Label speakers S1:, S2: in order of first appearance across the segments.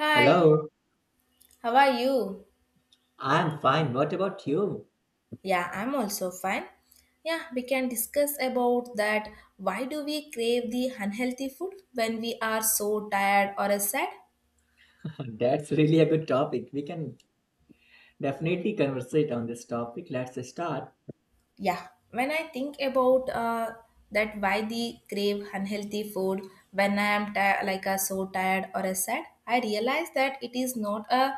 S1: Hi,
S2: Hello,
S1: how are you?
S2: I'm fine. What about you?
S1: Yeah, I'm also fine. Yeah, we can discuss about that. Why do we crave the unhealthy food when we are so tired or sad?
S2: That's really a good topic. We can definitely conversate on this topic. Let's start.
S1: Yeah, when I think about that, why the crave unhealthy food when I am so tired or sad, I realize that it is not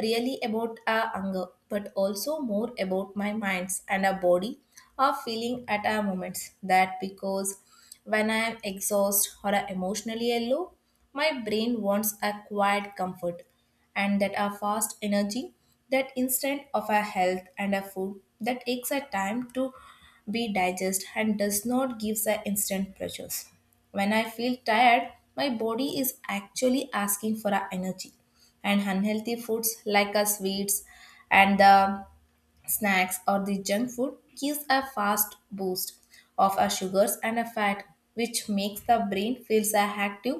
S1: really about hunger, but also more about my minds and a body are feeling at our moments. That because when I am exhausted or emotionally low, my brain wants a quiet comfort and that our fast energy, that instant of our health and our food that takes a time to be digested and does not give the instant pleasures. When I feel tired, my body is actually asking for our energy and unhealthy foods like our sweets and the snacks or the junk food gives a fast boost of our sugars and a fat which makes the brain feels a active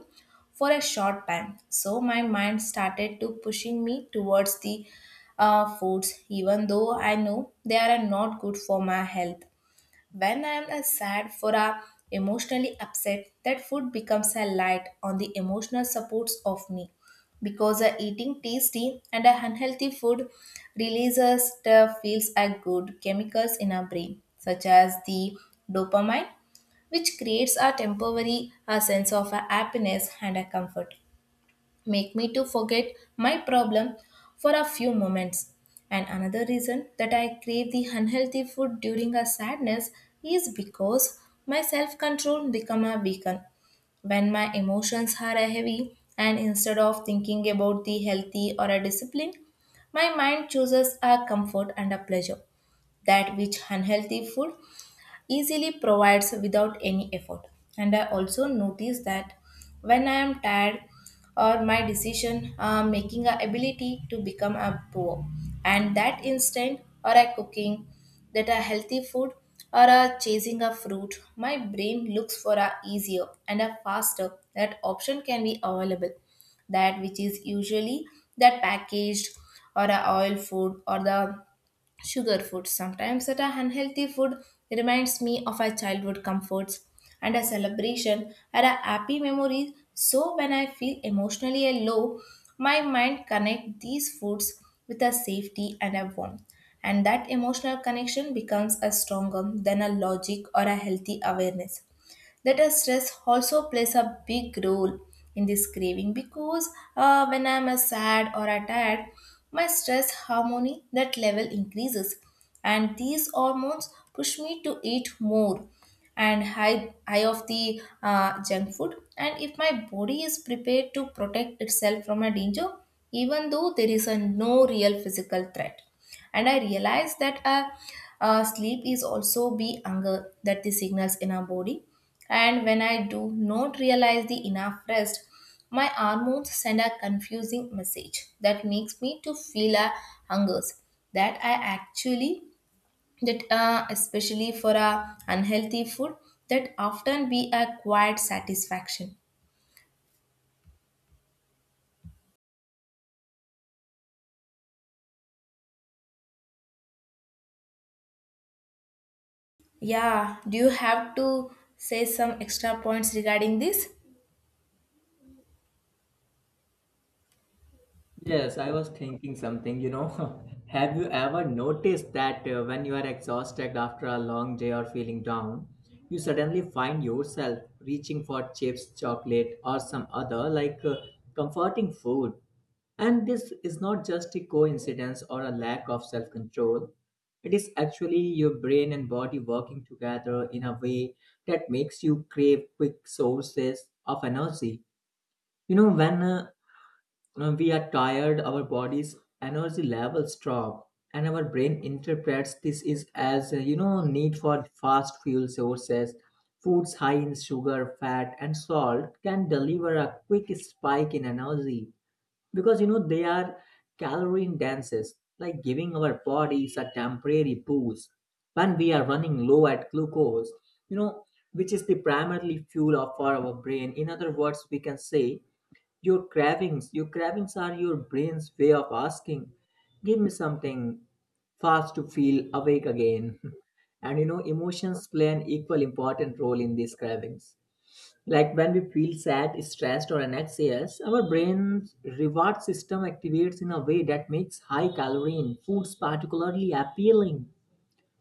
S1: for a short time, so my mind started to pushing me towards the foods even though I know they are not good for my health. When I am sad for a emotionally upset, that food becomes a light on the emotional supports of me because eating tasty and a unhealthy food releases the feels a good chemicals in our brain such as the dopamine, which creates a temporary a sense of a happiness and a comfort, make me to forget my problem for a few moments. And another reason that I crave the unhealthy food during a sadness is because my self-control become a weaken when my emotions are heavy, and instead of thinking about the healthy or a discipline, my mind chooses a comfort and a pleasure that which unhealthy food easily provides without any effort. And I also notice that when I am tired or my decision making a ability to become a poor, and that instant or a cooking that a healthy food or a chasing a fruit, my brain looks for a easier and a faster that option can be available, that which is usually that packaged or a oil food or the sugar food. Sometimes that a unhealthy food reminds me of our childhood comforts and a celebration and a happy memories. So when I feel emotionally a low, my mind connect these foods with a safety and a warmth. And that emotional connection becomes a stronger than a logic or a healthy awareness. That stress also plays a big role in this craving because when I'm sad or tired, my stress hormone that level increases, and these hormones push me to eat more and high of the junk food, and if my body is prepared to protect itself from a danger even though there is a no real physical threat. And I realized that sleep is also be hunger that the signals in our body, and when I do not realize the enough rest, my hormones send a confusing message that makes me to feel a hungers that I actually, that especially for a unhealthy food that often be a quiet satisfaction. Yeah, do you have to say some extra points regarding this?
S2: Yes, I was thinking something. Have you ever noticed that when you are exhausted after a long day or feeling down, you suddenly find yourself reaching for chips, chocolate, or some other comforting food? And this is not just a coincidence or a lack of self control. It is actually your brain and body working together in a way that makes you crave quick sources of energy. You know, when uh, when we are tired, our body's energy levels drop, and our brain interprets this is as need for fast fuel sources. Foods high in sugar, fat, and salt can deliver a quick spike in energy because they are calorie dense, like giving our bodies a temporary boost when we are running low at glucose. You know, which is the primarily fuel of for our brain. In other words, we can say your cravings are your brain's way of asking, give me something fast to feel awake again. And emotions play an equal important role in these cravings. Like when we feel sad, stressed, or anxious, our brain's reward system activates in a way that makes high calorie foods particularly appealing.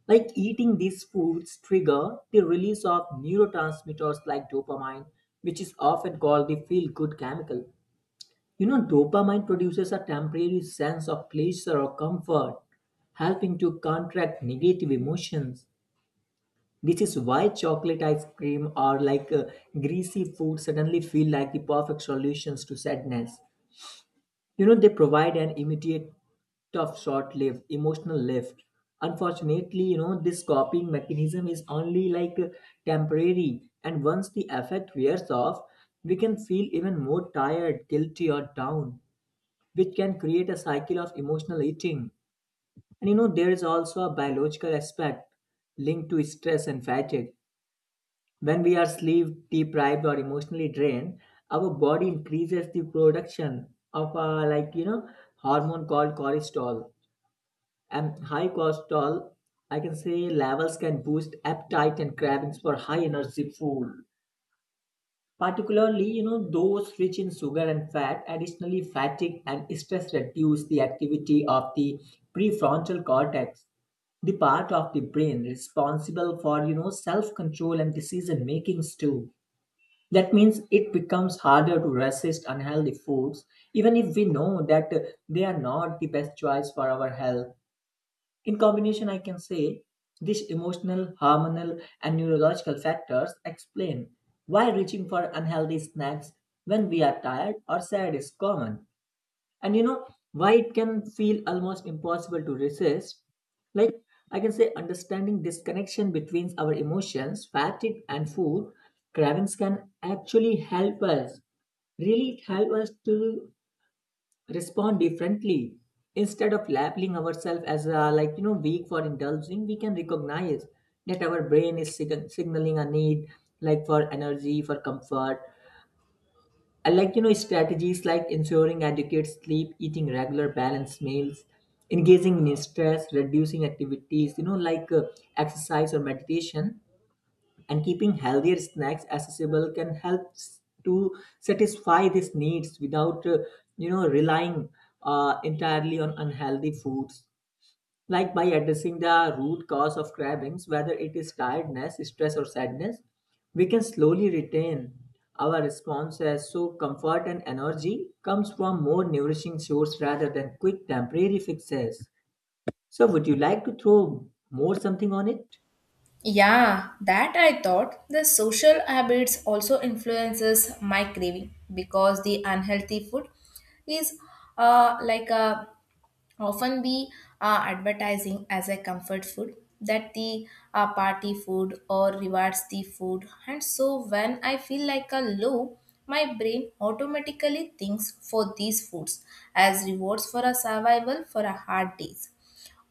S2: Like eating these foods trigger the release of neurotransmitters like dopamine, which is often called the feel good chemical. Dopamine produces a temporary sense of pleasure or comfort, helping to contract negative emotions. This is why chocolate ice cream or greasy food suddenly feel like the perfect solutions to sadness. They provide an immediate, tough, short lived emotional lift. Unfortunately, this copying mechanism is only temporary, and once the effect wears off, we can feel even more tired, guilty, or down, which can create a cycle of emotional eating. And there is also a biological aspect linked to stress and fatigue. When we are sleep deprived or emotionally drained, our body increases the production of a hormone called cortisol. And high cortisol, I can say, levels can boost appetite and cravings for high energy food. Particularly, those rich in sugar and fat. Additionally, fatigue and stress reduce the activity of the prefrontal cortex, the part of the brain responsible for, self control and decision makings too. That means it becomes harder to resist unhealthy foods, even if we know that they are not the best choice for our health. In combination, I can say these emotional, hormonal, and neurological factors explain why reaching for unhealthy snacks when we are tired or sad is common. And you know why it can feel almost impossible to resist. Like I can say, understanding this connection between our emotions, fatigue, and food cravings can actually help us, really help us, to respond differently, instead of labeling ourselves as weak for indulging. We can recognize that our brain is signaling a need, like for energy, for comfort. And strategies like ensuring adequate sleep, eating regular balanced meals, engaging in stress reducing activities, exercise or meditation, and keeping healthier snacks accessible can help to satisfy these needs without, relying entirely on unhealthy foods. Like by addressing the root cause of cravings, whether it is tiredness, stress, or sadness, we can slowly retain our responses so comfort and energy comes from more nourishing source rather than quick temporary fixes. So would you like to throw more something on it?
S1: Yeah, that I thought. The social habits also influences my craving because the unhealthy food is uh, like uh, often be advertising as a comfort food, that the party food or rewards the food. And so when I feel like a low, my brain automatically thinks for these foods as rewards for a survival for a hard days.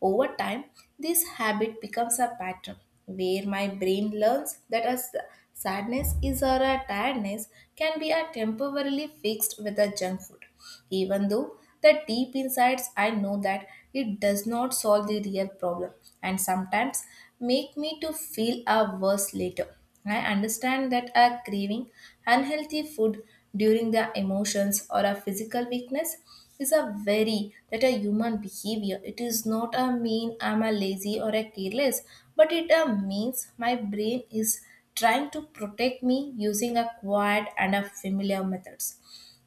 S1: Over time, this habit becomes a pattern where my brain learns that a sadness is or a tiredness can be a temporarily fixed with a junk food. Even though the deep insides I know that it does not solve the real problem and sometimes make me to feel a worse later. I understand that a craving unhealthy food during the emotions or a physical weakness is a very that a human behavior. It is not a mean I'm a lazy or a careless, but it means my brain is trying to protect me using a quiet and a familiar methods.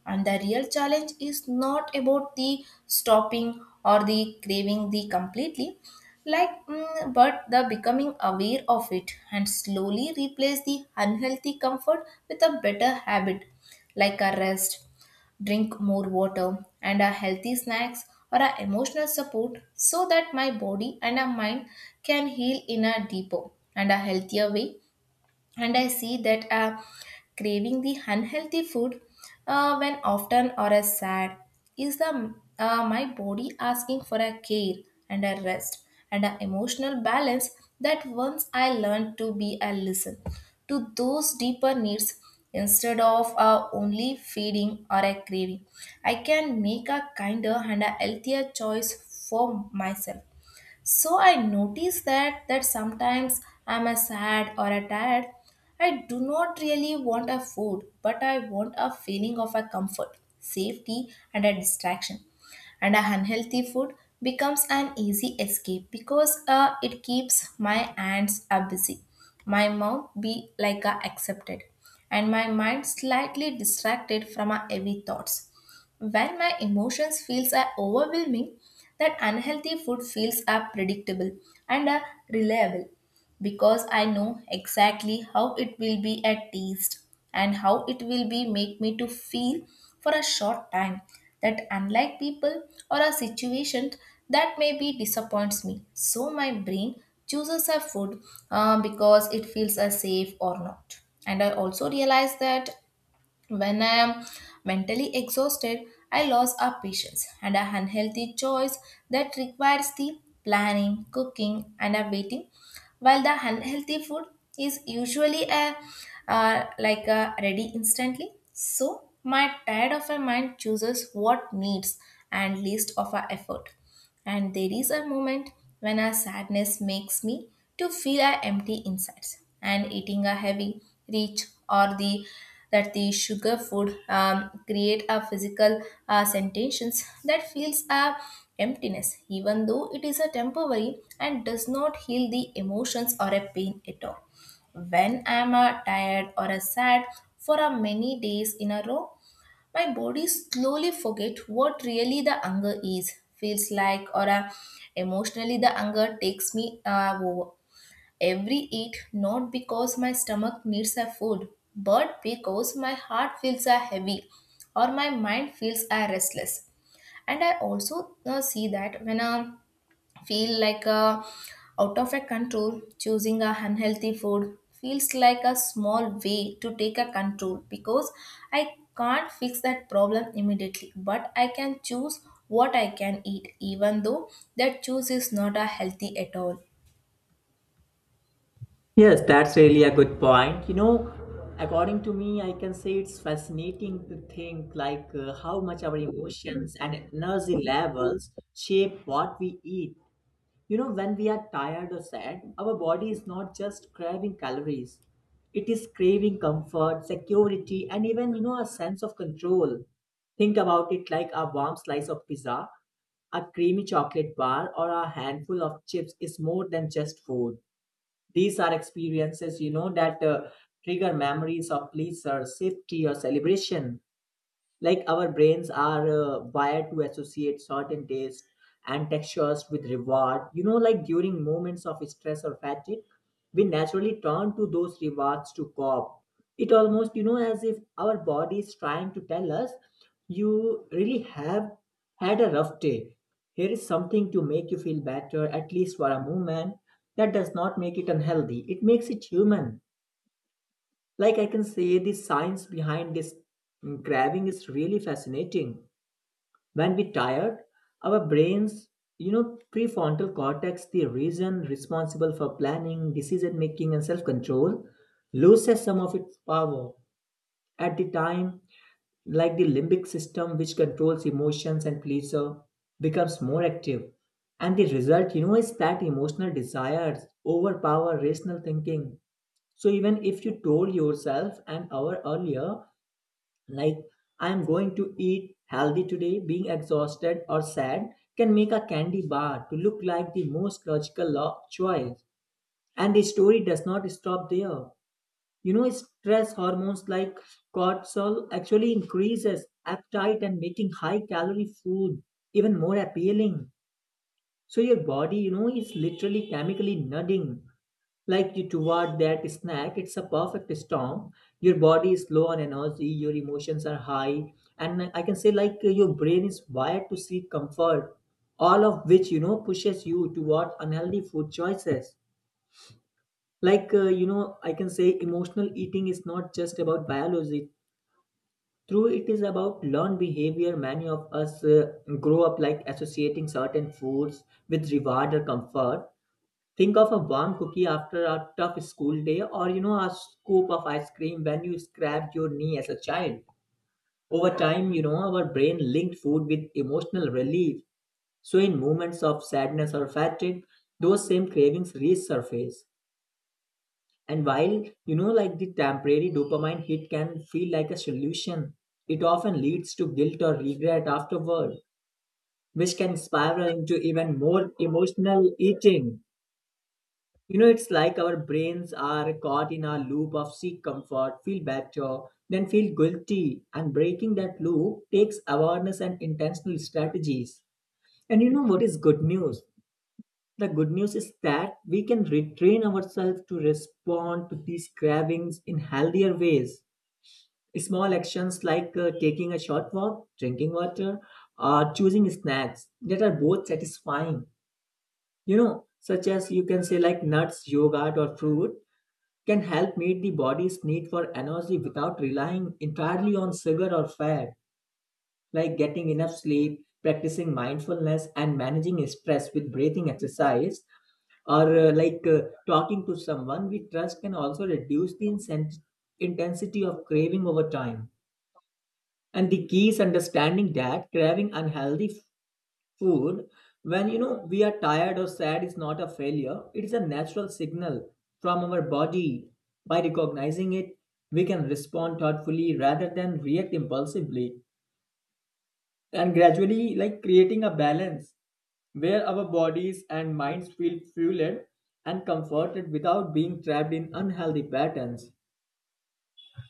S1: And the real challenge is not about the stopping or the craving the completely, but the becoming aware of it and slowly replace the unhealthy comfort with a better habit like a rest, drink more water, and a healthy snacks or a emotional support, so that my body and a mind can heal in a deeper and a healthier way. And I see that craving the unhealthy food when often or as sad is the my body asking for a care and a rest and an emotional balance. That once I learned to be a listen to those deeper needs instead of only feeding or a craving, I can make a kinder and a healthier choice for myself. So I notice that that sometimes I'm a sad or a tired. I do not really want a food, but I want a feeling of a comfort, safety, and a distraction. And a unhealthy food becomes an easy escape because it keeps my hands are busy, my mouth be like a accepted, and my mind slightly distracted from a heavy thoughts. When my emotions feels are overwhelming, that unhealthy food feels are predictable and are reliable because I know exactly how it will be at taste and how it will be make me to feel for a short time, that unlike people or a situation that maybe disappoints me. So my brain chooses a food because it feels as safe or not. And I also realize that when I am mentally exhausted, I lose our patience and a unhealthy choice that requires the planning, cooking, and a waiting. While the unhealthy food is usually a a ready instantly, so my tired of a mind chooses what needs and least of our effort. And there is a moment when our sadness makes me to feel our empty insides and eating a heavy rich, or the that the sugar food create a physical sensations that feels a emptiness even though it is a temporary and does not heal the emotions or a pain at all. When I am tired or sad for many days in a row, my body slowly forget what really the anger is, feels like, or emotionally the anger takes me over. Every eat, not because my stomach needs a food, but because my heart feels a heavy or my mind feels a restless. And I also see that when a feel like a out of a control, choosing a unhealthy food feels like a small way to take a control because I can't fix that problem immediately, but I can choose what I can eat even though that choice is not a healthy at all.
S2: Yes, that's really a good point. According to me, I can say it's fascinating to think how much our emotions and energy levels shape what we eat. When we are tired or sad, our body is not just craving calories. It is craving comfort, security, and even, a sense of control. Think about it like a warm slice of pizza, a creamy chocolate bar, or a handful of chips is more than just food. These are experiences, you know, that trigger memories of pleasure, safety, or celebration. Like our brains are wired to associate certain tastes and textures with reward. Like during moments of stress or fatigue, we naturally turn to those rewards to cope. It almost, as if our body is trying to tell us, you really have had a rough day. Here is something to make you feel better, at least for a moment. That does not make it unhealthy, it makes it human. Like I can say, the science behind this craving is really fascinating. When we tired, our brains, prefrontal cortex, the region responsible for planning, decision making, and self control, loses some of its power. At the time, like the limbic system, which controls emotions and pleasure, becomes more active, and the result, is that emotional desires overpower rational thinking. So even if you told yourself an hour earlier, like, I am going to eat healthy today, being exhausted or sad can make a candy bar to look like the most logical choice. And the story does not stop there. Stress hormones like cortisol actually increases appetite and making high calorie food even more appealing. So your body, is literally chemically nudging, like, you toward that snack. It's a perfect storm. Your body is low on energy, your emotions are high, and I can say like your brain is wired to seek comfort, all of which pushes you toward unhealthy food choices. I can say emotional eating is not just about biology, true, it is about learned behavior. Many of us grow up like associating certain foods with reward or comfort. Think of a warm cookie after a tough school day, or a scoop of ice cream when you scraped your knee as a child. Over time, our brain linked food with emotional relief, so in moments of sadness or fatigue those same cravings resurface. And while, like the temporary dopamine hit can feel like a solution, it often leads to guilt or regret afterward, which can spiral into even more emotional eating. It's like our brains are caught in a loop of seek comfort, feel better, then feel guilty. And breaking that loop takes awareness and intentional strategies. And you know what is good news? The good news is that we can retrain ourselves to respond to these cravings in healthier ways. Small actions like taking a short walk, drinking water, or choosing snacks that are both satisfying, such as you can say like nuts, yogurt, or fruit, can help meet the body's need for energy without relying entirely on sugar or fat. Like getting enough sleep, practicing mindfulness, and managing stress with breathing exercise or talking to someone we trust can also reduce the intensity of craving over time. And the key is understanding that craving unhealthy food when we are tired or sad is not a failure, it is a natural signal from our body. By recognizing it, we can respond thoughtfully rather than react impulsively, and gradually, like, creating a balance where our bodies and minds feel fueled and comforted without being trapped in unhealthy patterns.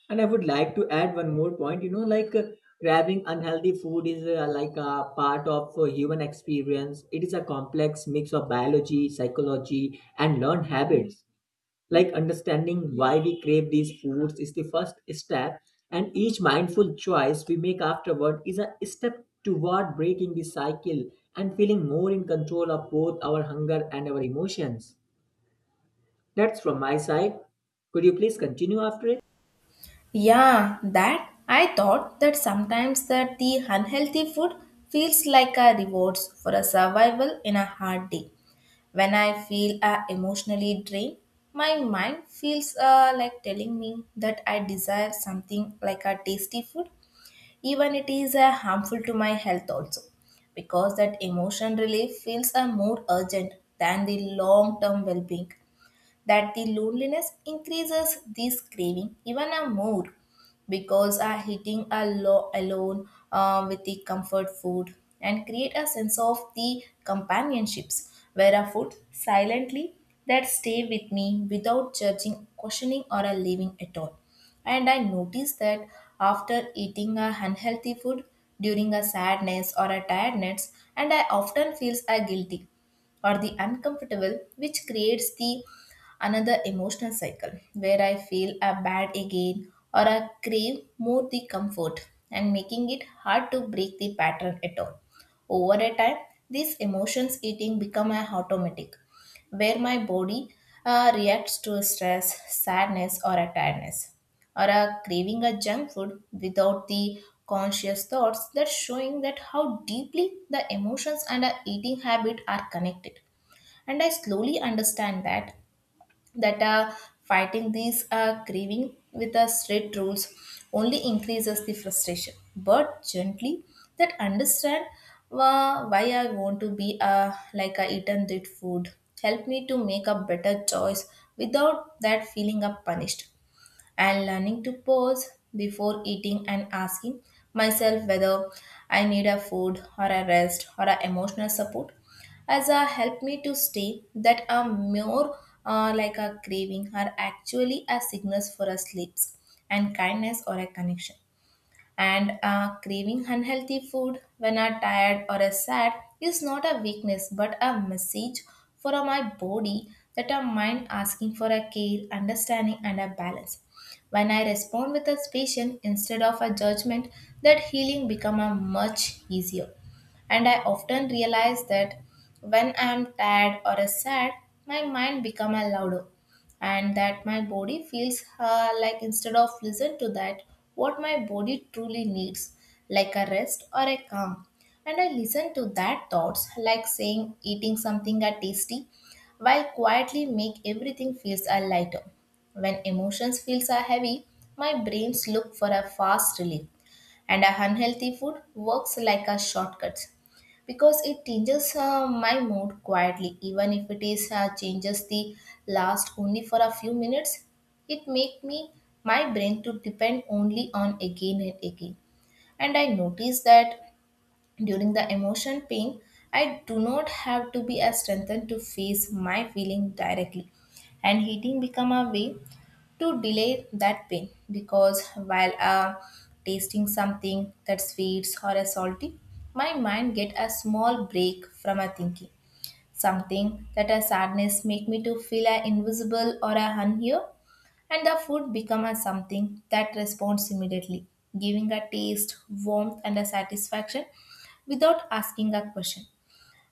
S2: And I would like to add one more point. Grabbing unhealthy food is like a part of human experience. It is a complex mix of biology, psychology, and learned habits. Like understanding why we crave these foods is the first step, and each mindful choice we make afterward is a step toward breaking the cycle and feeling more in control of both our hunger and our emotions. That's from my side. Could you please continue after it?
S1: Yeah, that I thought that sometimes that the unhealthy food feels like a rewards for a survival in a hard day. When I feel emotionally drained, my mind feels like telling me that I desire something like a tasty food, even it is harmful to my health also, because that emotion relief feels more urgent than the long-term well-being. That the loneliness increases this craving even a more because are hitting a alone with the comfort food and create a sense of the companionships where a food silently that stay with me without judging questioning or a leaving at all. And I notice that after eating a unhealthy food during a sadness or a tiredness, and I often feels a guilty or the uncomfortable, which creates the another emotional cycle where I feel a bad again or I crave more the comfort and making it hard to break the pattern at all. Over a time, these emotions eating become a automatic, where my body reacts to stress, sadness, or a tiredness, or a craving a junk food without the conscious thoughts. That showing that how deeply the emotions and our eating habit are connected. And I slowly understand that that uh, fighting these craving with the strict rules only increases the frustration, but gently that understand why I want to be I eaten that food help me to make a better choice without that feeling of punished. And learning to pause before eating and asking myself whether I need a food or a rest or a emotional support has helped me to stay that are more a craving are actually a signals for a sleeps and kindness or a connection. And craving unhealthy food when I'm tired or sad is not a weakness but a message for my body that our mind asking for a care, understanding, and a balance. When I respond with a patience instead of a judgment, that healing become a much easier. And I often realize that when I am tired or sad, my mind become a louder and that my body feels like instead of listen to that what my body truly needs, like a rest or a calm, and I listen to that thoughts like saying eating something are tasty while quietly make everything feels a lighter. When emotions feels are heavy, my brains look for a fast relief, and a unhealthy food works like a shortcut because it changes my mood quietly, even if it is changes the last only for a few minutes. It make me my brain to depend only on again and again. And I notice that during the emotion pain, I do not have to be as strengthened to face my feeling directly, and eating become a way to delay that pain because while tasting something that sweets or a salty, my mind get a small break from a thinking. Something that a sadness make me to feel a invisible or a unhear, and the food become a something that responds immediately, giving a taste, warmth, and a satisfaction without asking a question,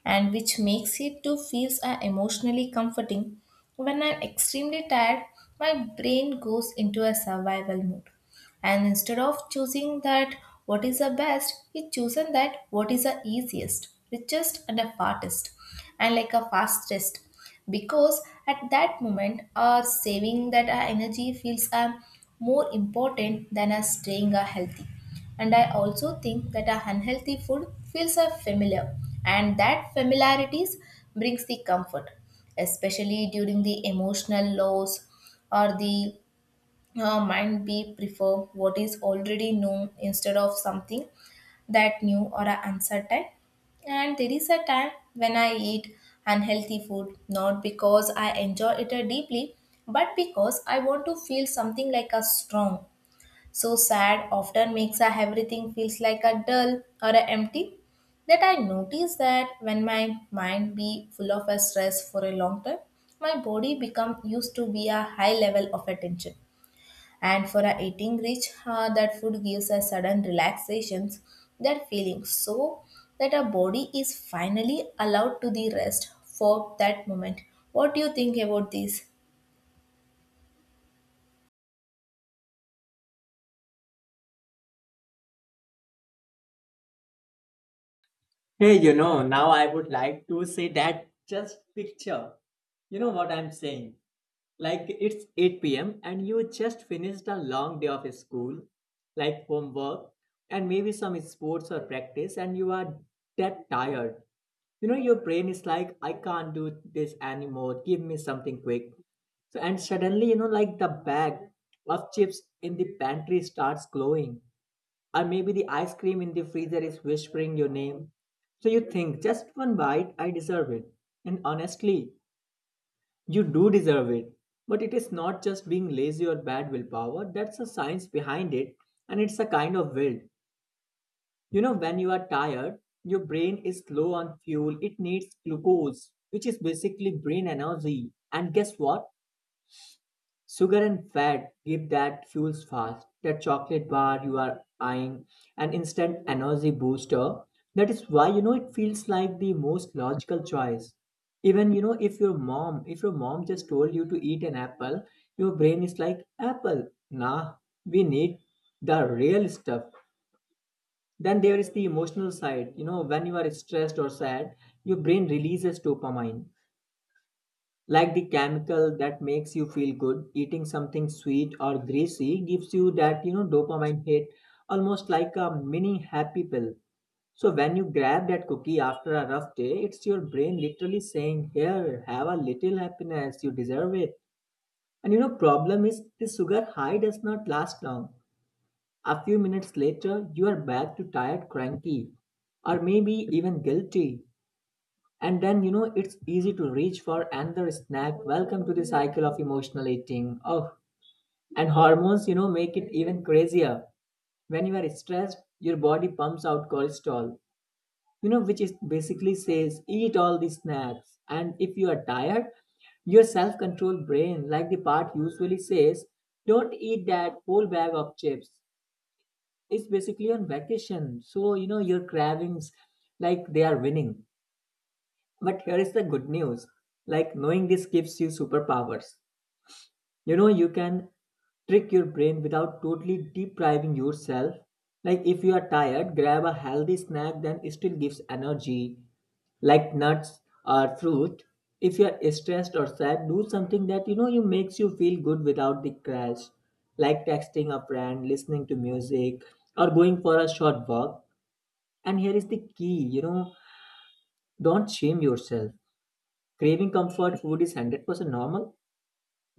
S1: and which makes it to feels are emotionally comforting. When I'm extremely tired, my brain goes into a survival mode. And instead of choosing that what is the best, it chosen that what is the easiest, richest and the fastest, and like a fastest, because at that moment our saving that our energy feels are more important than us staying healthy. And I also think that a unhealthy food feels a familiar, and that familiarities brings the comfort, especially during the emotional lows or the mind we prefer what is already known instead of something that new or are uncertain. And there is a time when I eat unhealthy food not because I enjoy it deeply, but because I want to feel something like a strong. So sad often makes a everything feels like a dull or a empty, that I notice that when my mind be full of a stress for a long time, my body become used to be a high level of attention, and for a eating rich that food gives a sudden relaxations, that feeling so that our body is finally allowed to the rest for that moment. What do you think about this?
S2: Hey, now I would like to say that just picture. You know what I'm saying? Like it's 8 p.m. and you just finished a long day of school, like homework, and maybe some sports or practice, and you are that tired. Your brain is like, I can't do this anymore. Give me something quick. So, and suddenly, like the bag of chips in the pantry starts glowing, or maybe the ice cream in the freezer is whispering your name. So you think, just one bite, I deserve it. And honestly, you do deserve it. But it is not just being lazy or bad willpower, that's a science behind it, and it's a kind of will. When you are tired, your brain is low on fuel, it needs glucose, which is basically brain energy. And guess what? Sugar and fat give that fuels fast, that chocolate bar you are eyeing, an instant energy booster. That is why you know it feels like the most logical choice. Even if your mom just told you to eat an apple, your brain is like apple. Nah, we need the real stuff. Then there is the emotional side. When you are stressed or sad, your brain releases dopamine, like the chemical that makes you feel good. Eating something sweet or greasy gives you that, dopamine hit, almost like a mini happy pill. So when you grab that cookie after a rough day, it's your brain literally saying, "Here, have a little happiness, you deserve it." And problem is the sugar high does not last long. A few minutes later, you are back to tired, cranky, or maybe even guilty. And then, it's easy to reach for another snack. Welcome to the cycle of emotional eating. Oh, and hormones, make it even crazier. When you are stressed, your body pumps out cortisol, which is basically says, eat all the snacks. And if you are tired, your self control brain, like the part usually says, don't eat that whole bag of chips. It's basically on vacation. So, your cravings, like, they are winning. But here is the good news, like knowing this gives you superpowers. You can trick your brain without totally depriving yourself. Like if you are tired, grab a healthy snack that still gives energy, like nuts or fruit. If you are stressed or sad, do something that you makes you feel good without the crash, like texting a friend, listening to music, or going for a short walk. And here is the key, don't shame yourself. Craving comfort food is 100% normal.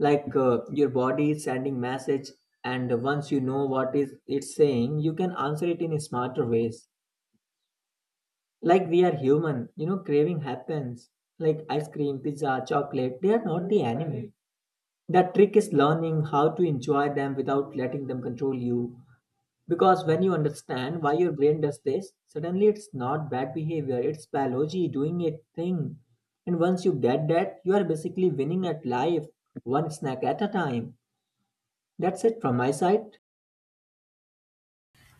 S2: Like your body is sending message, and once you know what is it's saying, you can answer it in smarter ways. Like we are human, craving happens. Like ice cream, pizza, chocolate, they are not the enemy. The trick is learning how to enjoy them without letting them control you. Because when you understand why your brain does this, suddenly it's not bad behavior, it's biology doing its thing. And once you get that, you are basically winning at life, one snack at a time. That's it from my side.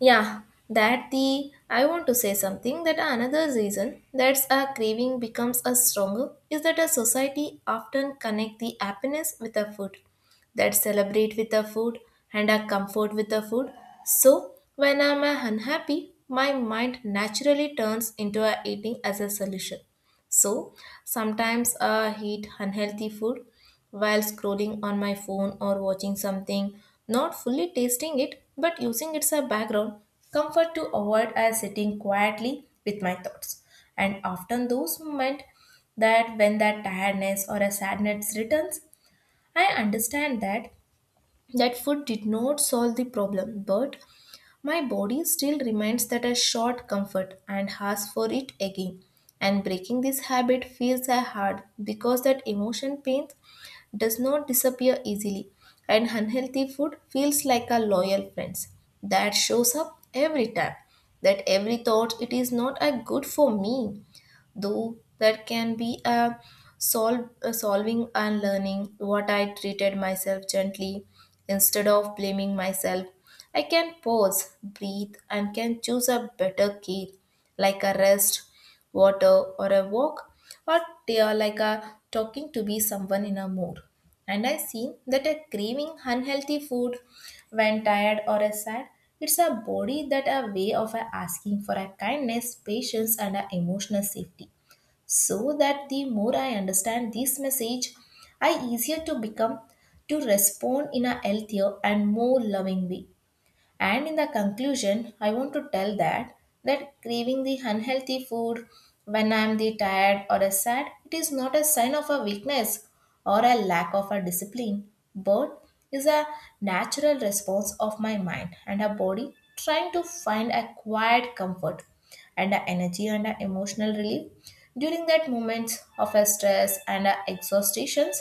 S1: Yeah, that the I want to say something that another reason that a craving becomes a stronger is that a society often connect the happiness with a food, that celebrate with a food and a comfort with a food. So when I'm unhappy, my mind naturally turns into a eating as a solution. So sometimes I eat unhealthy food while scrolling on my phone or watching something, not fully tasting it but using it as a background comfort to avoid as sitting quietly with my thoughts. And often those moments that when that tiredness or a sadness returns, I understand that that food did not solve the problem, but my body still remains that I sought comfort and asked for it again. And breaking this habit feels a hard because that emotion pain does not disappear easily, and unhealthy food feels like a loyal friend that shows up every time. That every thought it is not a good for me, though that can be a solve, a solving and learning what I treated myself gently instead of blaming myself. I can pause, breathe, and can choose a better care, like a rest, water, or a walk, or they are like a talking to be someone in a mood. And I see that a craving unhealthy food when tired or is sad. It's a body that a way of a asking for a kindness, patience, and a emotional safety. So that the more I understand this message, I easier to become to respond in a healthier and more loving way. And in the conclusion, I want to tell that that craving the unhealthy food when I am the tired or a sad, it is not a sign of a weakness or a lack of a discipline, but is a natural response of my mind and a body trying to find a quiet comfort and a energy and a emotional relief during that moments of a stress and a exhaustion,s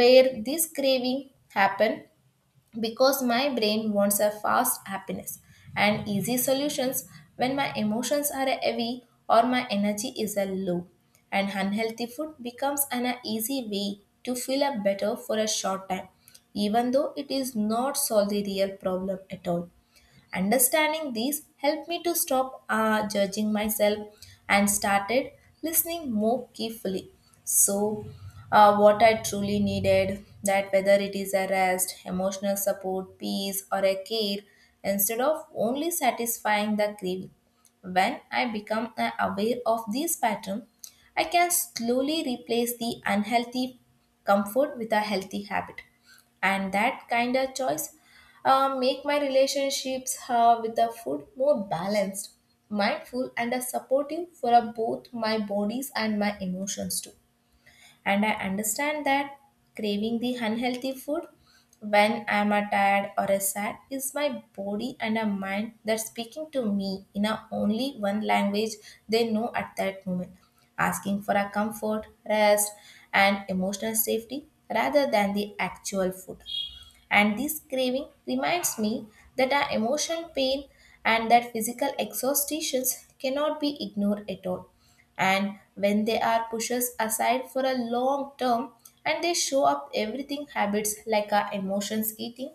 S1: where this craving happen because my brain wants a fast happiness and easy solutions when my emotions are heavy or my energy is a low, and unhealthy food becomes an easy way to feel a better for a short time, even though it is not solve the real problem at all. Understanding these helped me to stop judging myself and started listening more carefully. So, what I truly needed, that whether it is a rest, emotional support, peace, or a care, instead of only satisfying the craving. When I become aware of these patterns, I can slowly replace the unhealthy comfort with a healthy habit. And that kind of choice make my relationships with the food more balanced, mindful, and supportive for both my bodies and my emotions too. And I understand that craving the unhealthy food when I'm tired or sad is my body and a mind that speaking to me in a only one language they know at that moment, asking for a comfort, rest, and emotional safety rather than the actual food. And this craving reminds me that our emotional pain and that physical exhaustations cannot be ignored at all, and when they are pushed aside for a long term, and they show up everything habits like our emotions eating,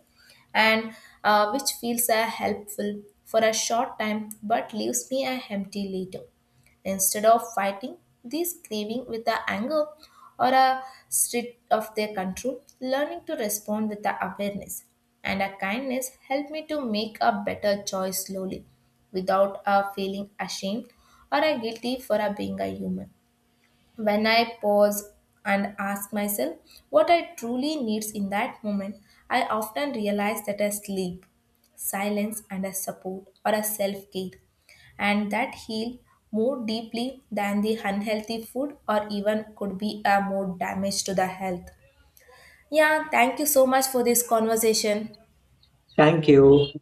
S1: and which feels are helpful for a short time but leaves me a empty later. Instead of fighting these craving with the anger or a streak of their control, learning to respond with the awareness and a kindness helped me to make a better choice slowly without a feeling ashamed or a guilty for a being a human. When I pause and ask myself what I truly needs in that moment, I often realize that I sleep, silence and a support or a self-care, and that heal more deeply than the unhealthy food or even could be a more damage to the health. Yeah, thank you so much for this conversation.
S2: Thank you.